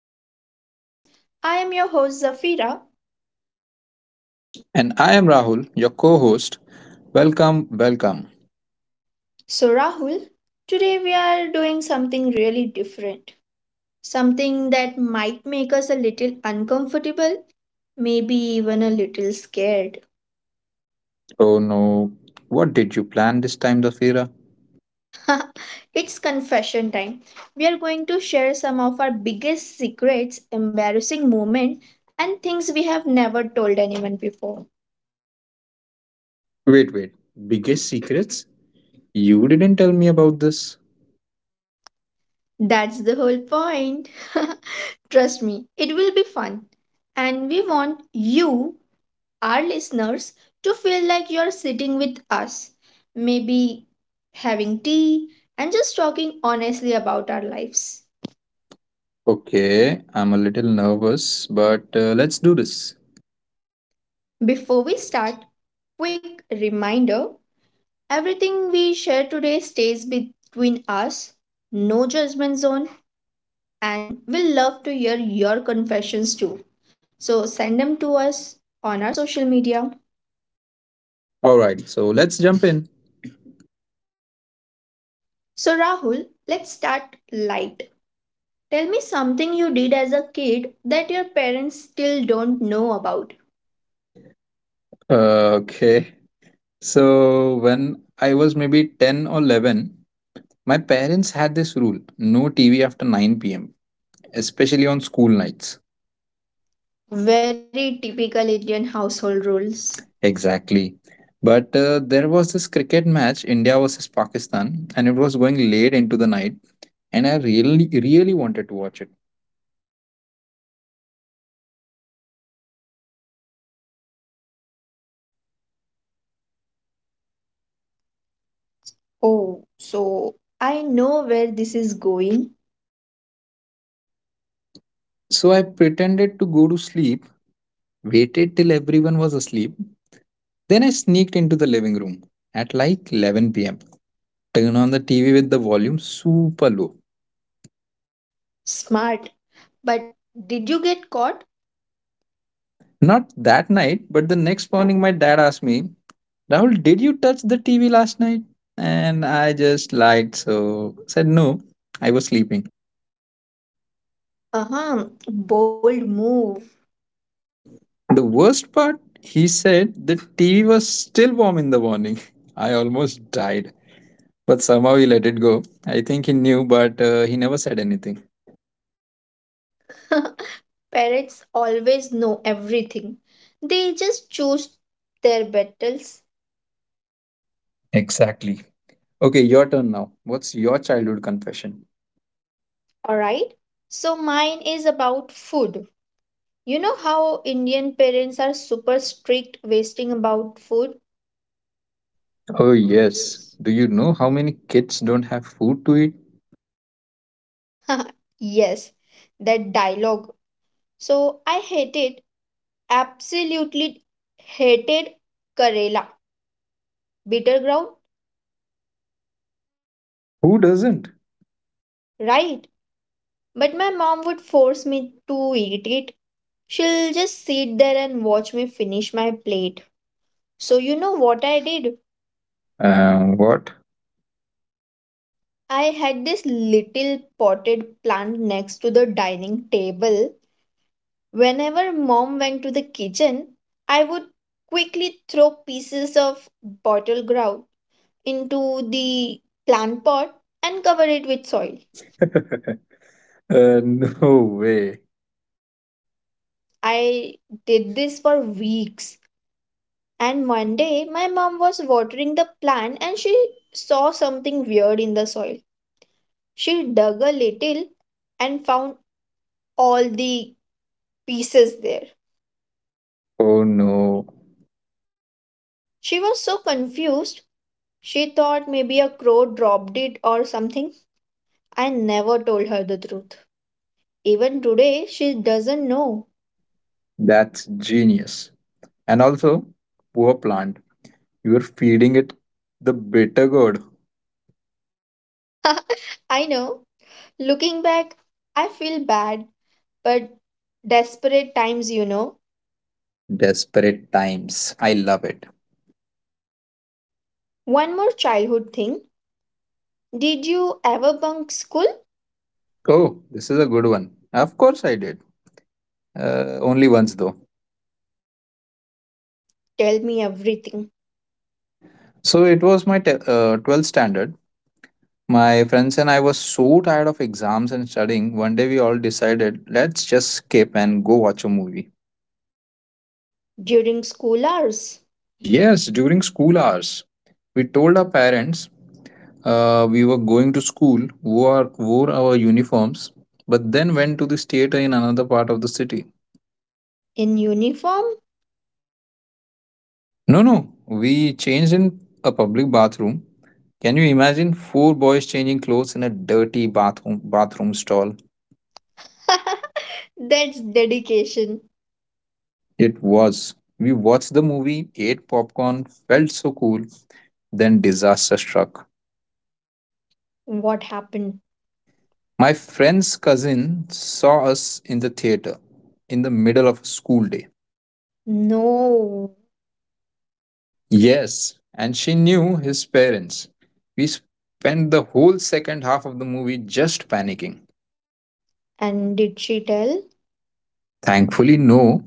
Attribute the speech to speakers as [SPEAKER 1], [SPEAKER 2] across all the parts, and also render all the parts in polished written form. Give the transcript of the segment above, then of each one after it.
[SPEAKER 1] of our podcast. I am your host Zafira.
[SPEAKER 2] And I am Rahul, your co host. Welcome, welcome.
[SPEAKER 1] So, Rahul, today we are doing something really different, something that might make us a little uncomfortable, maybe even a little scared.
[SPEAKER 2] Oh no, what did you plan this time, Zafira?
[SPEAKER 1] It's confession time. We are going to share some of our biggest secrets, embarrassing moments, and things we have never told anyone before.
[SPEAKER 2] Wait, wait. Biggest secrets? You didn't tell me about this.
[SPEAKER 1] That's the whole point. Trust me, it will be fun. And we want you, our listeners, to feel like you're sitting with us, maybe having tea and just talking honestly about our lives.
[SPEAKER 2] Okay, I'm a little nervous, but let's do this.
[SPEAKER 1] Before we start, quick reminder, everything we share today stays between us, no judgment zone, and we'll love to hear your confessions too. So send them to us on our social media.
[SPEAKER 2] Alright, so let's jump in.
[SPEAKER 1] So, Rahul, let's start light. Tell me something you did as a kid that your parents still don't know about.
[SPEAKER 2] Okay. So, when I was maybe 10 or 11, my parents had this rule no TV after 9 p.m., especially on school nights.
[SPEAKER 1] Very typical Indian household rules.
[SPEAKER 2] Exactly. But there was this cricket match, India versus Pakistan, and it was going late into the night, and I really, really wanted to watch it.
[SPEAKER 1] Oh, so I know where this is going.
[SPEAKER 2] So I pretended to go to sleep, waited till everyone was asleep, then I sneaked into the living room at like 11 pm. Turned on the TV with the volume super low.
[SPEAKER 1] Smart, but did you get caught?
[SPEAKER 2] Not that night, but the next morning, my dad asked me, Rahul, did you touch the TV last night? And I just lied, so said no, I was sleeping.
[SPEAKER 1] Uh huh, bold move.
[SPEAKER 2] The worst part, he said the TV was still warm in the morning. I almost died. But somehow he let it go. I think he knew, but he never said anything.
[SPEAKER 1] Parents always know everything, they just choose their battles,
[SPEAKER 2] Exactly. Okay, your turn now. What's your childhood confession?
[SPEAKER 1] alright? So mine is about food. You know how Indian parents are super strict wasting about food?
[SPEAKER 2] Oh, yes. Do you know how many kids don't have food to eat?
[SPEAKER 1] Yes, that dialogue. So I hated, absolutely hated Karela, bitter ground,
[SPEAKER 2] Who doesn't?
[SPEAKER 1] right? But my mom would force me to eat it. She'll just sit there and watch me finish my plate. So, you know what I did?
[SPEAKER 2] What?
[SPEAKER 1] I had this little potted plant next to the dining table. Whenever mom went to the kitchen, I would quickly throw pieces of bottle grout into the plant pot and cover it with soil.
[SPEAKER 2] uh, no way.
[SPEAKER 1] I did this for weeks, and one day my mom was watering the plant and she saw something weird in the soil. She dug a little and found all the pieces there.
[SPEAKER 2] Oh, no.
[SPEAKER 1] She was so confused, she thought maybe a crow dropped it or something. I never told her the truth. Even today, she doesn't know.
[SPEAKER 2] That's genius. And also, poor plant. You're feeding it the bitter gourd.
[SPEAKER 1] I know. Looking back, I feel bad but desperate times, you know.
[SPEAKER 2] Desperate Times. I love it.
[SPEAKER 1] One more childhood thing. Did you ever bunk school?
[SPEAKER 2] Oh, this is a good one. Of course, I did. Only once, though.
[SPEAKER 1] Tell me everything.
[SPEAKER 2] So, it was my 12th standard. My friends and I were so tired of exams and studying. One day, we all decided let's just skip and go watch a movie.
[SPEAKER 1] During school hours?
[SPEAKER 2] Yes, during school hours. We told our parents we were going to school, wore our uniforms, but then went to this theater in another part of the city.
[SPEAKER 1] In uniform?
[SPEAKER 2] No, no, we changed in a public bathroom. Can you imagine four boys changing clothes in a dirty bathroom stall?
[SPEAKER 1] That's dedication.
[SPEAKER 2] It was. We watched the movie, ate popcorn, felt so cool, then disaster struck.
[SPEAKER 1] What happened?
[SPEAKER 2] My friend's cousin saw us in the theater in the middle of a school day.
[SPEAKER 1] No.
[SPEAKER 2] Yes, and she knew his parents. We spent the whole second half of the movie just panicking.
[SPEAKER 1] And did she tell?
[SPEAKER 2] Thankfully, no.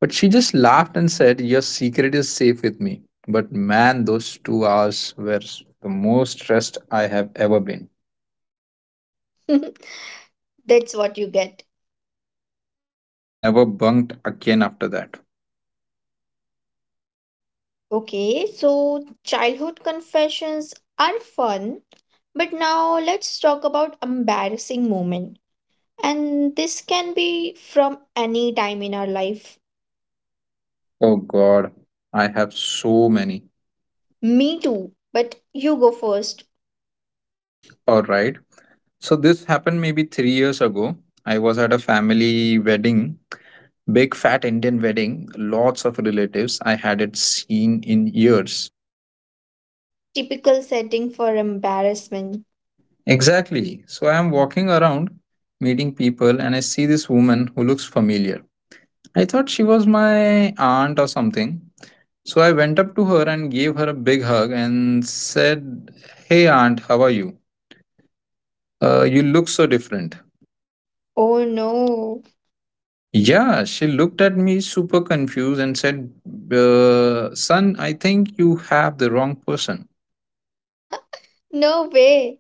[SPEAKER 2] But she just laughed and said, Your secret is safe with me. But man, those 2 hours were the most stressed I have ever been.
[SPEAKER 1] That's what you get.
[SPEAKER 2] Never bunked again after that.
[SPEAKER 1] Okay, so childhood confessions are fun, but now let's talk about embarrassing moment. And this can be from any time in our life.
[SPEAKER 2] Oh God, I have so many.
[SPEAKER 1] Me too, but you go first.
[SPEAKER 2] All right. So this happened maybe 3 years ago. I was at a family wedding, big fat Indian wedding, lots of relatives. I hadn't seen in years.
[SPEAKER 1] Typical setting for embarrassment.
[SPEAKER 2] Exactly. So I am walking around meeting people and I see this woman who looks familiar. I thought she was my aunt or something. So I went up to her and gave her a big hug and said, Hey, aunt, how are you? You look so different.
[SPEAKER 1] Oh no.
[SPEAKER 2] Yeah, she looked at me super confused and said, Son, I think you have the wrong person.
[SPEAKER 1] No way.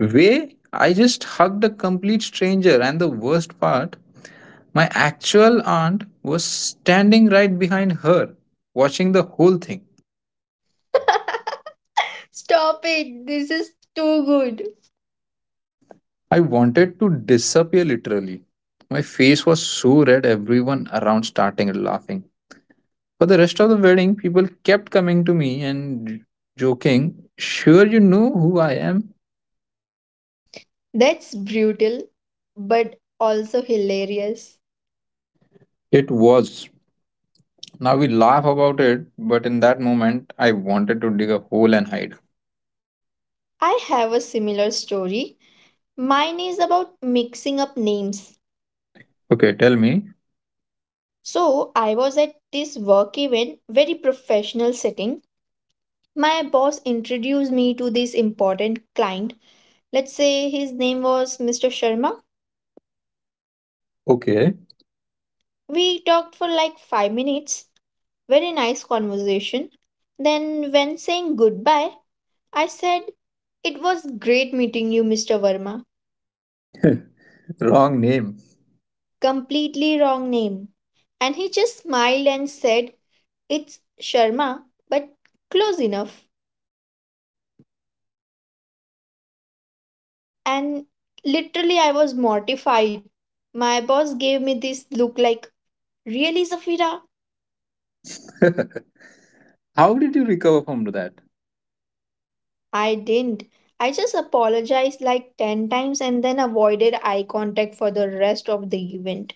[SPEAKER 2] Way? I just hugged a complete stranger, and the worst part, my actual aunt was standing right behind her, watching the whole thing.
[SPEAKER 1] Stop it. This is too good.
[SPEAKER 2] I wanted to disappear literally. My face was so red, everyone around started laughing. For the rest of the wedding, people kept coming to me and joking, Sure, you know who I am?
[SPEAKER 1] That's brutal, but also hilarious.
[SPEAKER 2] It was. Now we laugh about it, but in that moment, I wanted to dig a hole and hide.
[SPEAKER 1] I have a similar story. Mine is about mixing up names.
[SPEAKER 2] Okay, tell me.
[SPEAKER 1] So, I was at this work event, very professional setting. My boss introduced me to this important client. Let's say his name was Mr. Sharma.
[SPEAKER 2] Okay.
[SPEAKER 1] We talked for like 5 minutes, very nice conversation. Then, when saying goodbye, I said, "It was great meeting you, Mr. Verma."
[SPEAKER 2] Wrong name.
[SPEAKER 1] Completely wrong name. And he just smiled and said, "It's Sharma, but close enough." And literally, I was mortified. My boss gave me this look like, "Really, Zafira?"
[SPEAKER 2] How did you recover from that?
[SPEAKER 1] I didn't. I just apologized like 10 times and then avoided eye contact for the rest of the event.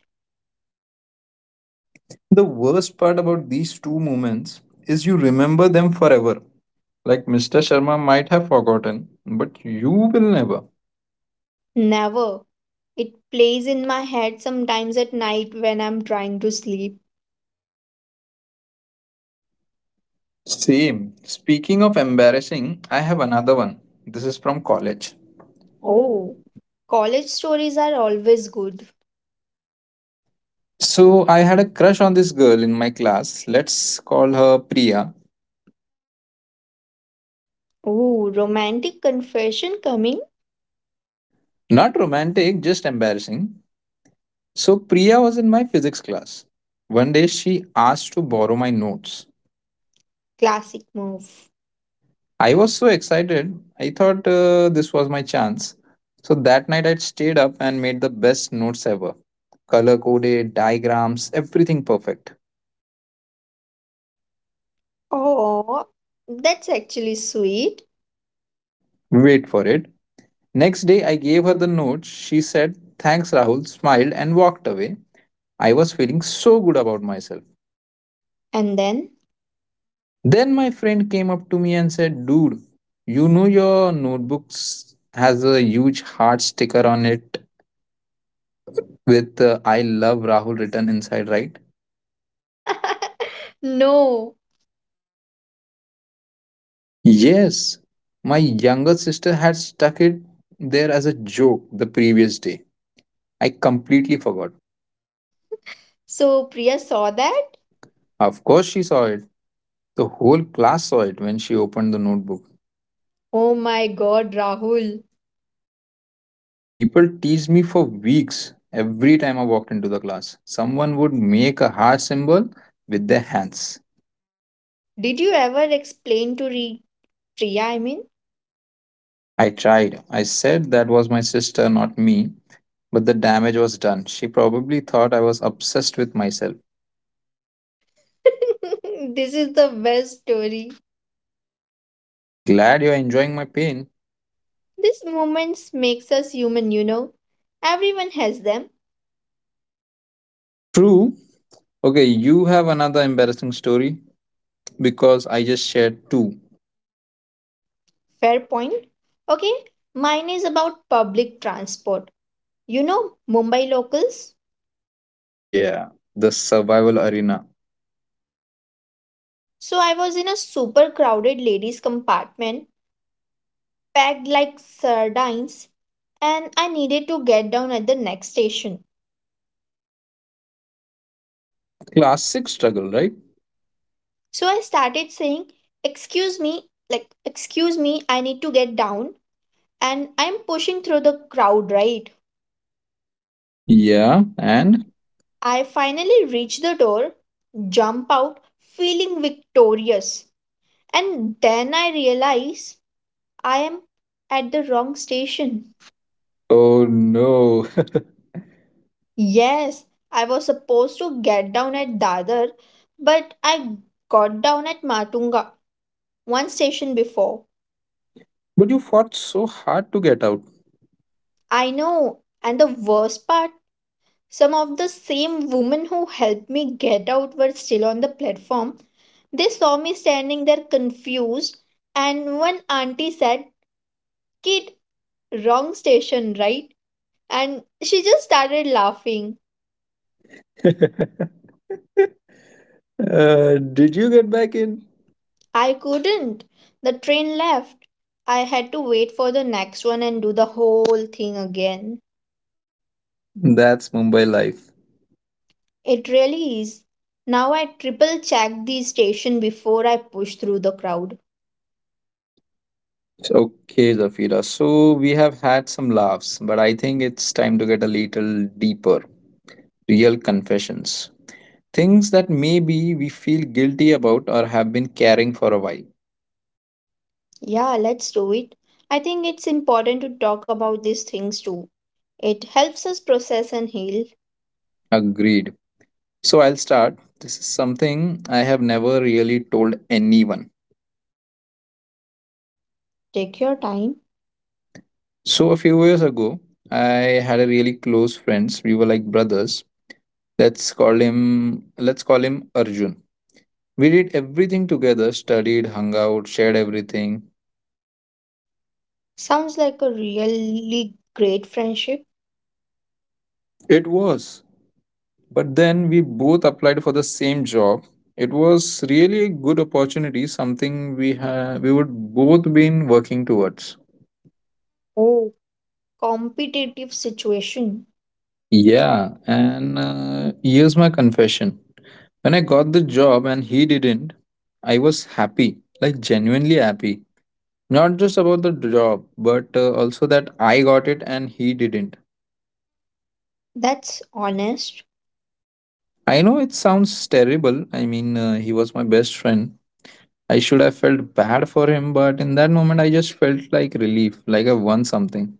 [SPEAKER 2] The worst part about these two moments is you remember them forever. Like Mr. Sharma might have forgotten, but you will never.
[SPEAKER 1] Never. It plays in my head sometimes at night when I'm trying to sleep.
[SPEAKER 2] Same. Speaking of embarrassing, I have another one. This is from college.
[SPEAKER 1] Oh, college stories are always good.
[SPEAKER 2] So I had a crush on this girl in my class. Let's call her Priya.
[SPEAKER 1] Oh, romantic confession coming,
[SPEAKER 2] Not romantic, just embarrassing. So Priya was in my physics class. One day she asked to borrow my notes.
[SPEAKER 1] classic move.
[SPEAKER 2] I was so excited. I thought this was my chance. So that night I stayed up and made the best notes ever. Color coded, diagrams, everything perfect.
[SPEAKER 1] Oh, that's actually sweet.
[SPEAKER 2] Wait for it. Next day I gave her the notes. She said, Thanks, Rahul, smiled and walked away. I was feeling so good about myself.
[SPEAKER 1] And then?
[SPEAKER 2] Then my friend came up to me and said, Dude, you know your notebooks has a huge heart sticker on it with I love Rahul written inside, right?
[SPEAKER 1] No.
[SPEAKER 2] Yes, my younger sister had stuck it there as a joke the previous day. I completely forgot.
[SPEAKER 1] So Priya saw that?
[SPEAKER 2] Of course, she saw it. The whole class saw it when she opened the notebook.
[SPEAKER 1] Oh my god, Rahul.
[SPEAKER 2] People teased me for weeks every time I walked into the class. Someone would make a heart symbol with their hands.
[SPEAKER 1] Did you ever explain to Priya, I mean?
[SPEAKER 2] I tried. I said that was my sister, not me, but the damage was done. She probably thought I was obsessed with myself.
[SPEAKER 1] This is the best story.
[SPEAKER 2] Glad you're enjoying my pain.
[SPEAKER 1] These moments makes us human, you know. Everyone has them.
[SPEAKER 2] True. Okay, you have another embarrassing story because I just shared two.
[SPEAKER 1] Fair point. Okay, mine is about public transport. You know, Mumbai locals.
[SPEAKER 2] Yeah, the survival arena.
[SPEAKER 1] So I was in a super crowded ladies compartment, packed like sardines, and I needed to get down at the next station.
[SPEAKER 2] Classic struggle, right?
[SPEAKER 1] So I started saying, "Excuse me, like excuse me, I need to get down." And I'm pushing through the crowd, right?
[SPEAKER 2] Yeah, and?
[SPEAKER 1] I finally reached the door, jump out feeling victorious. And then I realize I am at the wrong station.
[SPEAKER 2] Oh no.
[SPEAKER 1] Yes, I was supposed to get down at Dadar, but I got down at Matunga, one station before.
[SPEAKER 2] but you fought so hard to get out.
[SPEAKER 1] I know, and the worst part, some of the same women who helped me get out were still on the platform. They saw me standing there confused, and one auntie said, "Kid, wrong station, right?" And she just started laughing.
[SPEAKER 2] Did you get back in?
[SPEAKER 1] I couldn't. The train left. I had to wait for the next one and do the whole thing again.
[SPEAKER 2] That's Mumbai life.
[SPEAKER 1] It really is. Now I triple check the station before I push through the crowd.
[SPEAKER 2] Okay, Zafira. So we have had some laughs, but I think it's time to get a little deeper. Real confessions. Things that maybe we feel guilty about or have been carrying for a while.
[SPEAKER 1] Yeah, let's do it. I think it's important to talk about these things too. It helps us process and heal.
[SPEAKER 2] Agreed. So I'll start. This is something I have never really told anyone.
[SPEAKER 1] Take your time.
[SPEAKER 2] So a few years ago, I had a really close friends. We were like brothers. Let's call him let's call him Arjun. We did everything together, studied, hung out, shared everything.
[SPEAKER 1] Sounds like a really great friendship.
[SPEAKER 2] It was. But then we both applied for the same job. It was really a good opportunity, something we would both been working towards.
[SPEAKER 1] Oh, competitive situation.
[SPEAKER 2] Yeah, and here's my confession. When I got the job and he didn't, I was happy, like genuinely happy. Not just about the job, but also that I got it and he didn't.
[SPEAKER 1] That's honest.
[SPEAKER 2] I know it sounds terrible. I mean, he was my best friend, I should have felt bad for him, but in that moment, I just felt like relief, like I won something.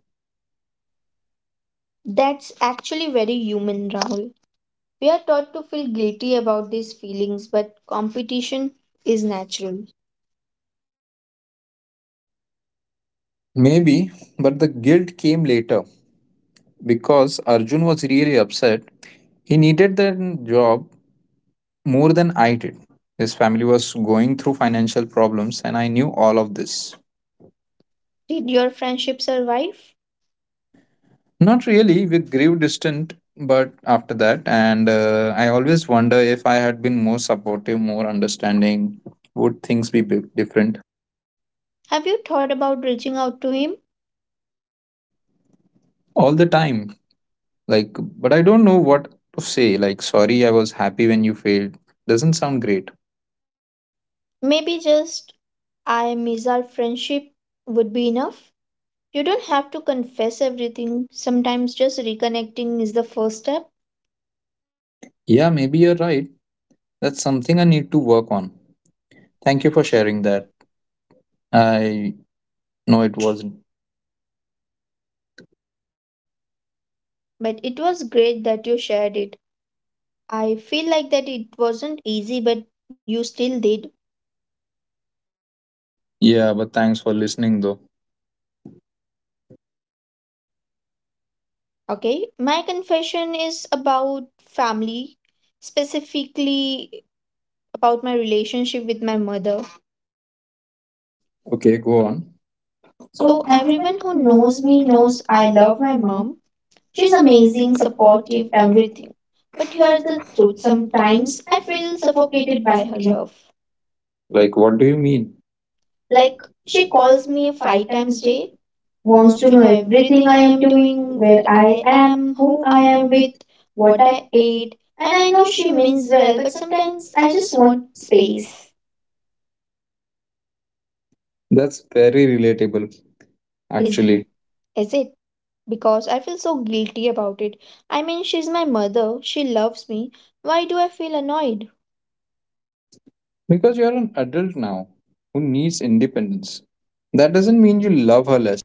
[SPEAKER 1] That's actually very human, Rahul. We are taught to feel guilty about these feelings, but competition is natural.
[SPEAKER 2] Maybe, but the guilt came later because Arjun was really upset. He needed that job more than I did. His family was going through financial problems, and I knew all of this.
[SPEAKER 1] Did your friendship survive?
[SPEAKER 2] Not really, we grew distant, but after that, and I always wonder if I had been more supportive, more understanding, would things be different?
[SPEAKER 1] Have you thought about reaching out to him?
[SPEAKER 2] All the time. Like, but I don't know what to say. Like, sorry, I was happy when you failed. Doesn't sound great.
[SPEAKER 1] Maybe just I miss our friendship would be enough. You don't have to confess everything. Sometimes just reconnecting is the first step.
[SPEAKER 2] Yeah, maybe you're right. That's something I need to work on. Thank you for sharing that. I know it wasn't.
[SPEAKER 1] But it was great that you shared it. I feel like that it wasn't easy, but you still did.
[SPEAKER 2] Yeah, but thanks for listening though.
[SPEAKER 1] Okay, my confession is about family, specifically about my relationship with my mother.
[SPEAKER 2] Okay, go on. So
[SPEAKER 1] So,
[SPEAKER 2] everyone
[SPEAKER 1] everyone who
[SPEAKER 2] who knows
[SPEAKER 1] knows
[SPEAKER 2] me
[SPEAKER 1] me
[SPEAKER 2] knows
[SPEAKER 1] knows
[SPEAKER 2] I
[SPEAKER 1] I
[SPEAKER 2] love
[SPEAKER 1] love
[SPEAKER 2] my
[SPEAKER 1] my
[SPEAKER 2] mom.
[SPEAKER 1] mom.
[SPEAKER 2] She's
[SPEAKER 1] She's
[SPEAKER 2] amazing,
[SPEAKER 1] amazing,
[SPEAKER 2] supportive,
[SPEAKER 1] supportive,
[SPEAKER 2] everything.
[SPEAKER 1] everything. But
[SPEAKER 2] You are
[SPEAKER 1] here's
[SPEAKER 2] the
[SPEAKER 1] the
[SPEAKER 2] truth.
[SPEAKER 1] truth,
[SPEAKER 2] Sometimes
[SPEAKER 1] sometimes I
[SPEAKER 2] I feel
[SPEAKER 1] feel
[SPEAKER 2] suffocated
[SPEAKER 1] suffocated
[SPEAKER 2] by
[SPEAKER 1] by her
[SPEAKER 2] her.
[SPEAKER 1] love.
[SPEAKER 2] Like, what do you mean? Like
[SPEAKER 1] Like, she
[SPEAKER 2] she calls
[SPEAKER 1] calls
[SPEAKER 2] me
[SPEAKER 1] me
[SPEAKER 2] five
[SPEAKER 1] five
[SPEAKER 2] times
[SPEAKER 1] times
[SPEAKER 2] a day.
[SPEAKER 1] day,
[SPEAKER 2] Wants
[SPEAKER 1] wants
[SPEAKER 2] to
[SPEAKER 1] to
[SPEAKER 2] know
[SPEAKER 1] know
[SPEAKER 2] everything
[SPEAKER 1] everything I
[SPEAKER 2] I am
[SPEAKER 1] am
[SPEAKER 2] doing,
[SPEAKER 1] doing,
[SPEAKER 2] where
[SPEAKER 1] where
[SPEAKER 2] I
[SPEAKER 1] I
[SPEAKER 2] am,
[SPEAKER 1] am,
[SPEAKER 2] who
[SPEAKER 1] who
[SPEAKER 2] I
[SPEAKER 1] I
[SPEAKER 2] am
[SPEAKER 1] am with,
[SPEAKER 2] with, what
[SPEAKER 1] what
[SPEAKER 2] I
[SPEAKER 1] I
[SPEAKER 2] ate.
[SPEAKER 1] ate.
[SPEAKER 2] And
[SPEAKER 1] And
[SPEAKER 2] I
[SPEAKER 1] I
[SPEAKER 2] know
[SPEAKER 1] know
[SPEAKER 2] she
[SPEAKER 1] she
[SPEAKER 2] means
[SPEAKER 1] means
[SPEAKER 2] well,
[SPEAKER 1] well,
[SPEAKER 2] but
[SPEAKER 1] but
[SPEAKER 2] sometimes
[SPEAKER 1] sometimes
[SPEAKER 2] I
[SPEAKER 1] I
[SPEAKER 2] just
[SPEAKER 1] just
[SPEAKER 2] want
[SPEAKER 1] want
[SPEAKER 2] space.
[SPEAKER 1] space.
[SPEAKER 2] That's very relatable,
[SPEAKER 1] Is,
[SPEAKER 2] actually.
[SPEAKER 1] actually. Is it? Because I feel so guilty about it. I mean, she's my mother, she loves me. Why do I feel annoyed?
[SPEAKER 2] Because you're an adult now who needs independence. That doesn't mean you love her less.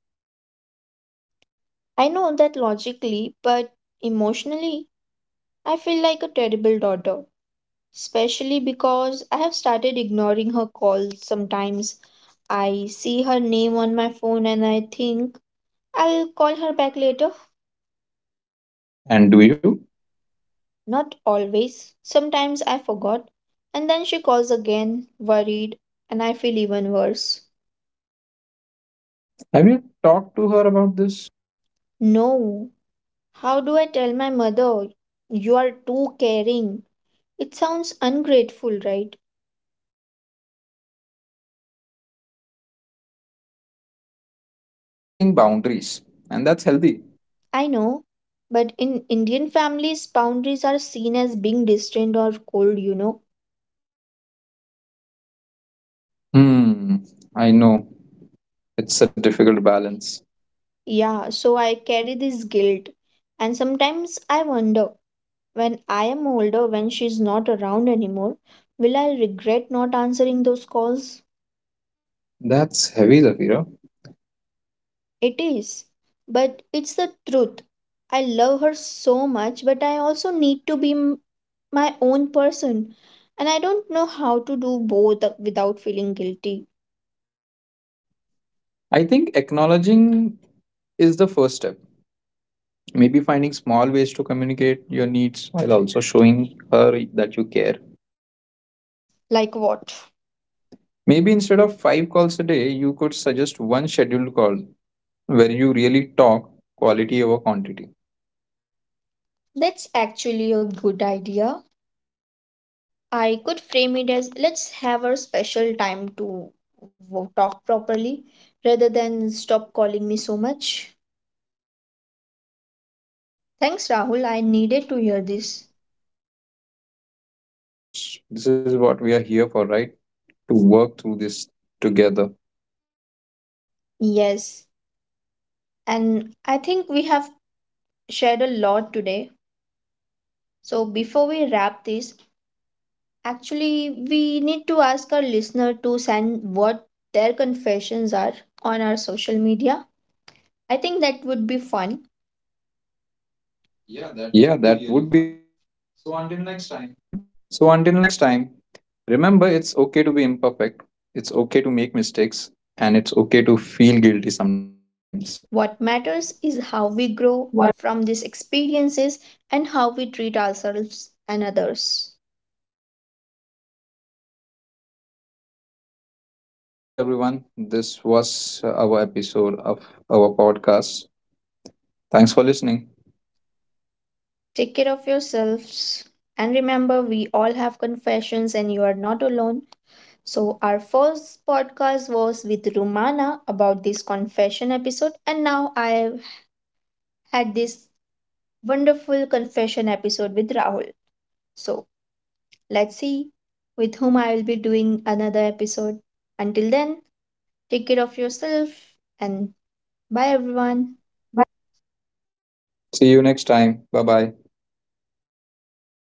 [SPEAKER 1] I know that logically, but emotionally, I feel like a terrible daughter, especially because I have started ignoring her calls sometimes. I see her name on my phone and I think I'll call her back later.
[SPEAKER 2] And do you?
[SPEAKER 1] Not always. Sometimes I forgot. And then she calls again, worried, and I feel even worse.
[SPEAKER 2] Have you talked to her about this?
[SPEAKER 1] No. How do I tell my mother? You are too caring. It sounds ungrateful, right?
[SPEAKER 2] But it's not about being ungrateful, it's about setting boundaries. And that's healthy.
[SPEAKER 1] I know. But in Indian families, boundaries are seen as being distant or cold, you know.
[SPEAKER 2] Hmm, I know. It's a difficult balance.
[SPEAKER 1] Yeah, so I carry this guilt. And sometimes I wonder when I am older, when she's not around anymore, will I regret not answering those calls?
[SPEAKER 2] That's heavy, Zafira.
[SPEAKER 1] It is. But it's the truth. I love her so much, but I also need to be my own person. And I don't know how to do both without feeling guilty.
[SPEAKER 2] I think acknowledging is the first step. Maybe finding small ways to communicate your needs while also showing her that you care.
[SPEAKER 1] Like what?
[SPEAKER 2] Maybe instead of 5 calls a day, you could suggest one scheduled call where you really talk quality over quantity.
[SPEAKER 1] That's actually a good idea. I could frame it as let's have a special time to talk properly rather than stop calling me so much.
[SPEAKER 2] Exactly.
[SPEAKER 1] Thanks, Rahul. I needed to hear this.
[SPEAKER 2] Of course, this is what we are here for, right? To work through this together.
[SPEAKER 1] Yes, and I think we have shared a lot today. So before we wrap this, actually, we need to ask our listener to send what their confessions are on our social media. I think that would be fun.
[SPEAKER 2] Yeah, that would be really fun. So until next time, remember it's okay to be imperfect, it's okay to make mistakes, and it's okay to feel guilty sometimes.
[SPEAKER 1] What matters is how we
[SPEAKER 2] What?
[SPEAKER 1] grow from these experiences and how we treat ourselves and others.
[SPEAKER 2] Well said. So, all right, everyone, this was our episode of our podcast. Thanks for listening.
[SPEAKER 1] Take care of yourselves and remember, we all have confessions and you are not alone. So, our first podcast was with Rumana about this confession episode, and now I had this wonderful confession episode with Rahul. So, let's see with whom I will be doing another episode. Until then, take
[SPEAKER 2] Until
[SPEAKER 1] care of
[SPEAKER 2] then,
[SPEAKER 1] yourself and bye,
[SPEAKER 2] and
[SPEAKER 1] everyone.
[SPEAKER 2] See you next time. Bye bye.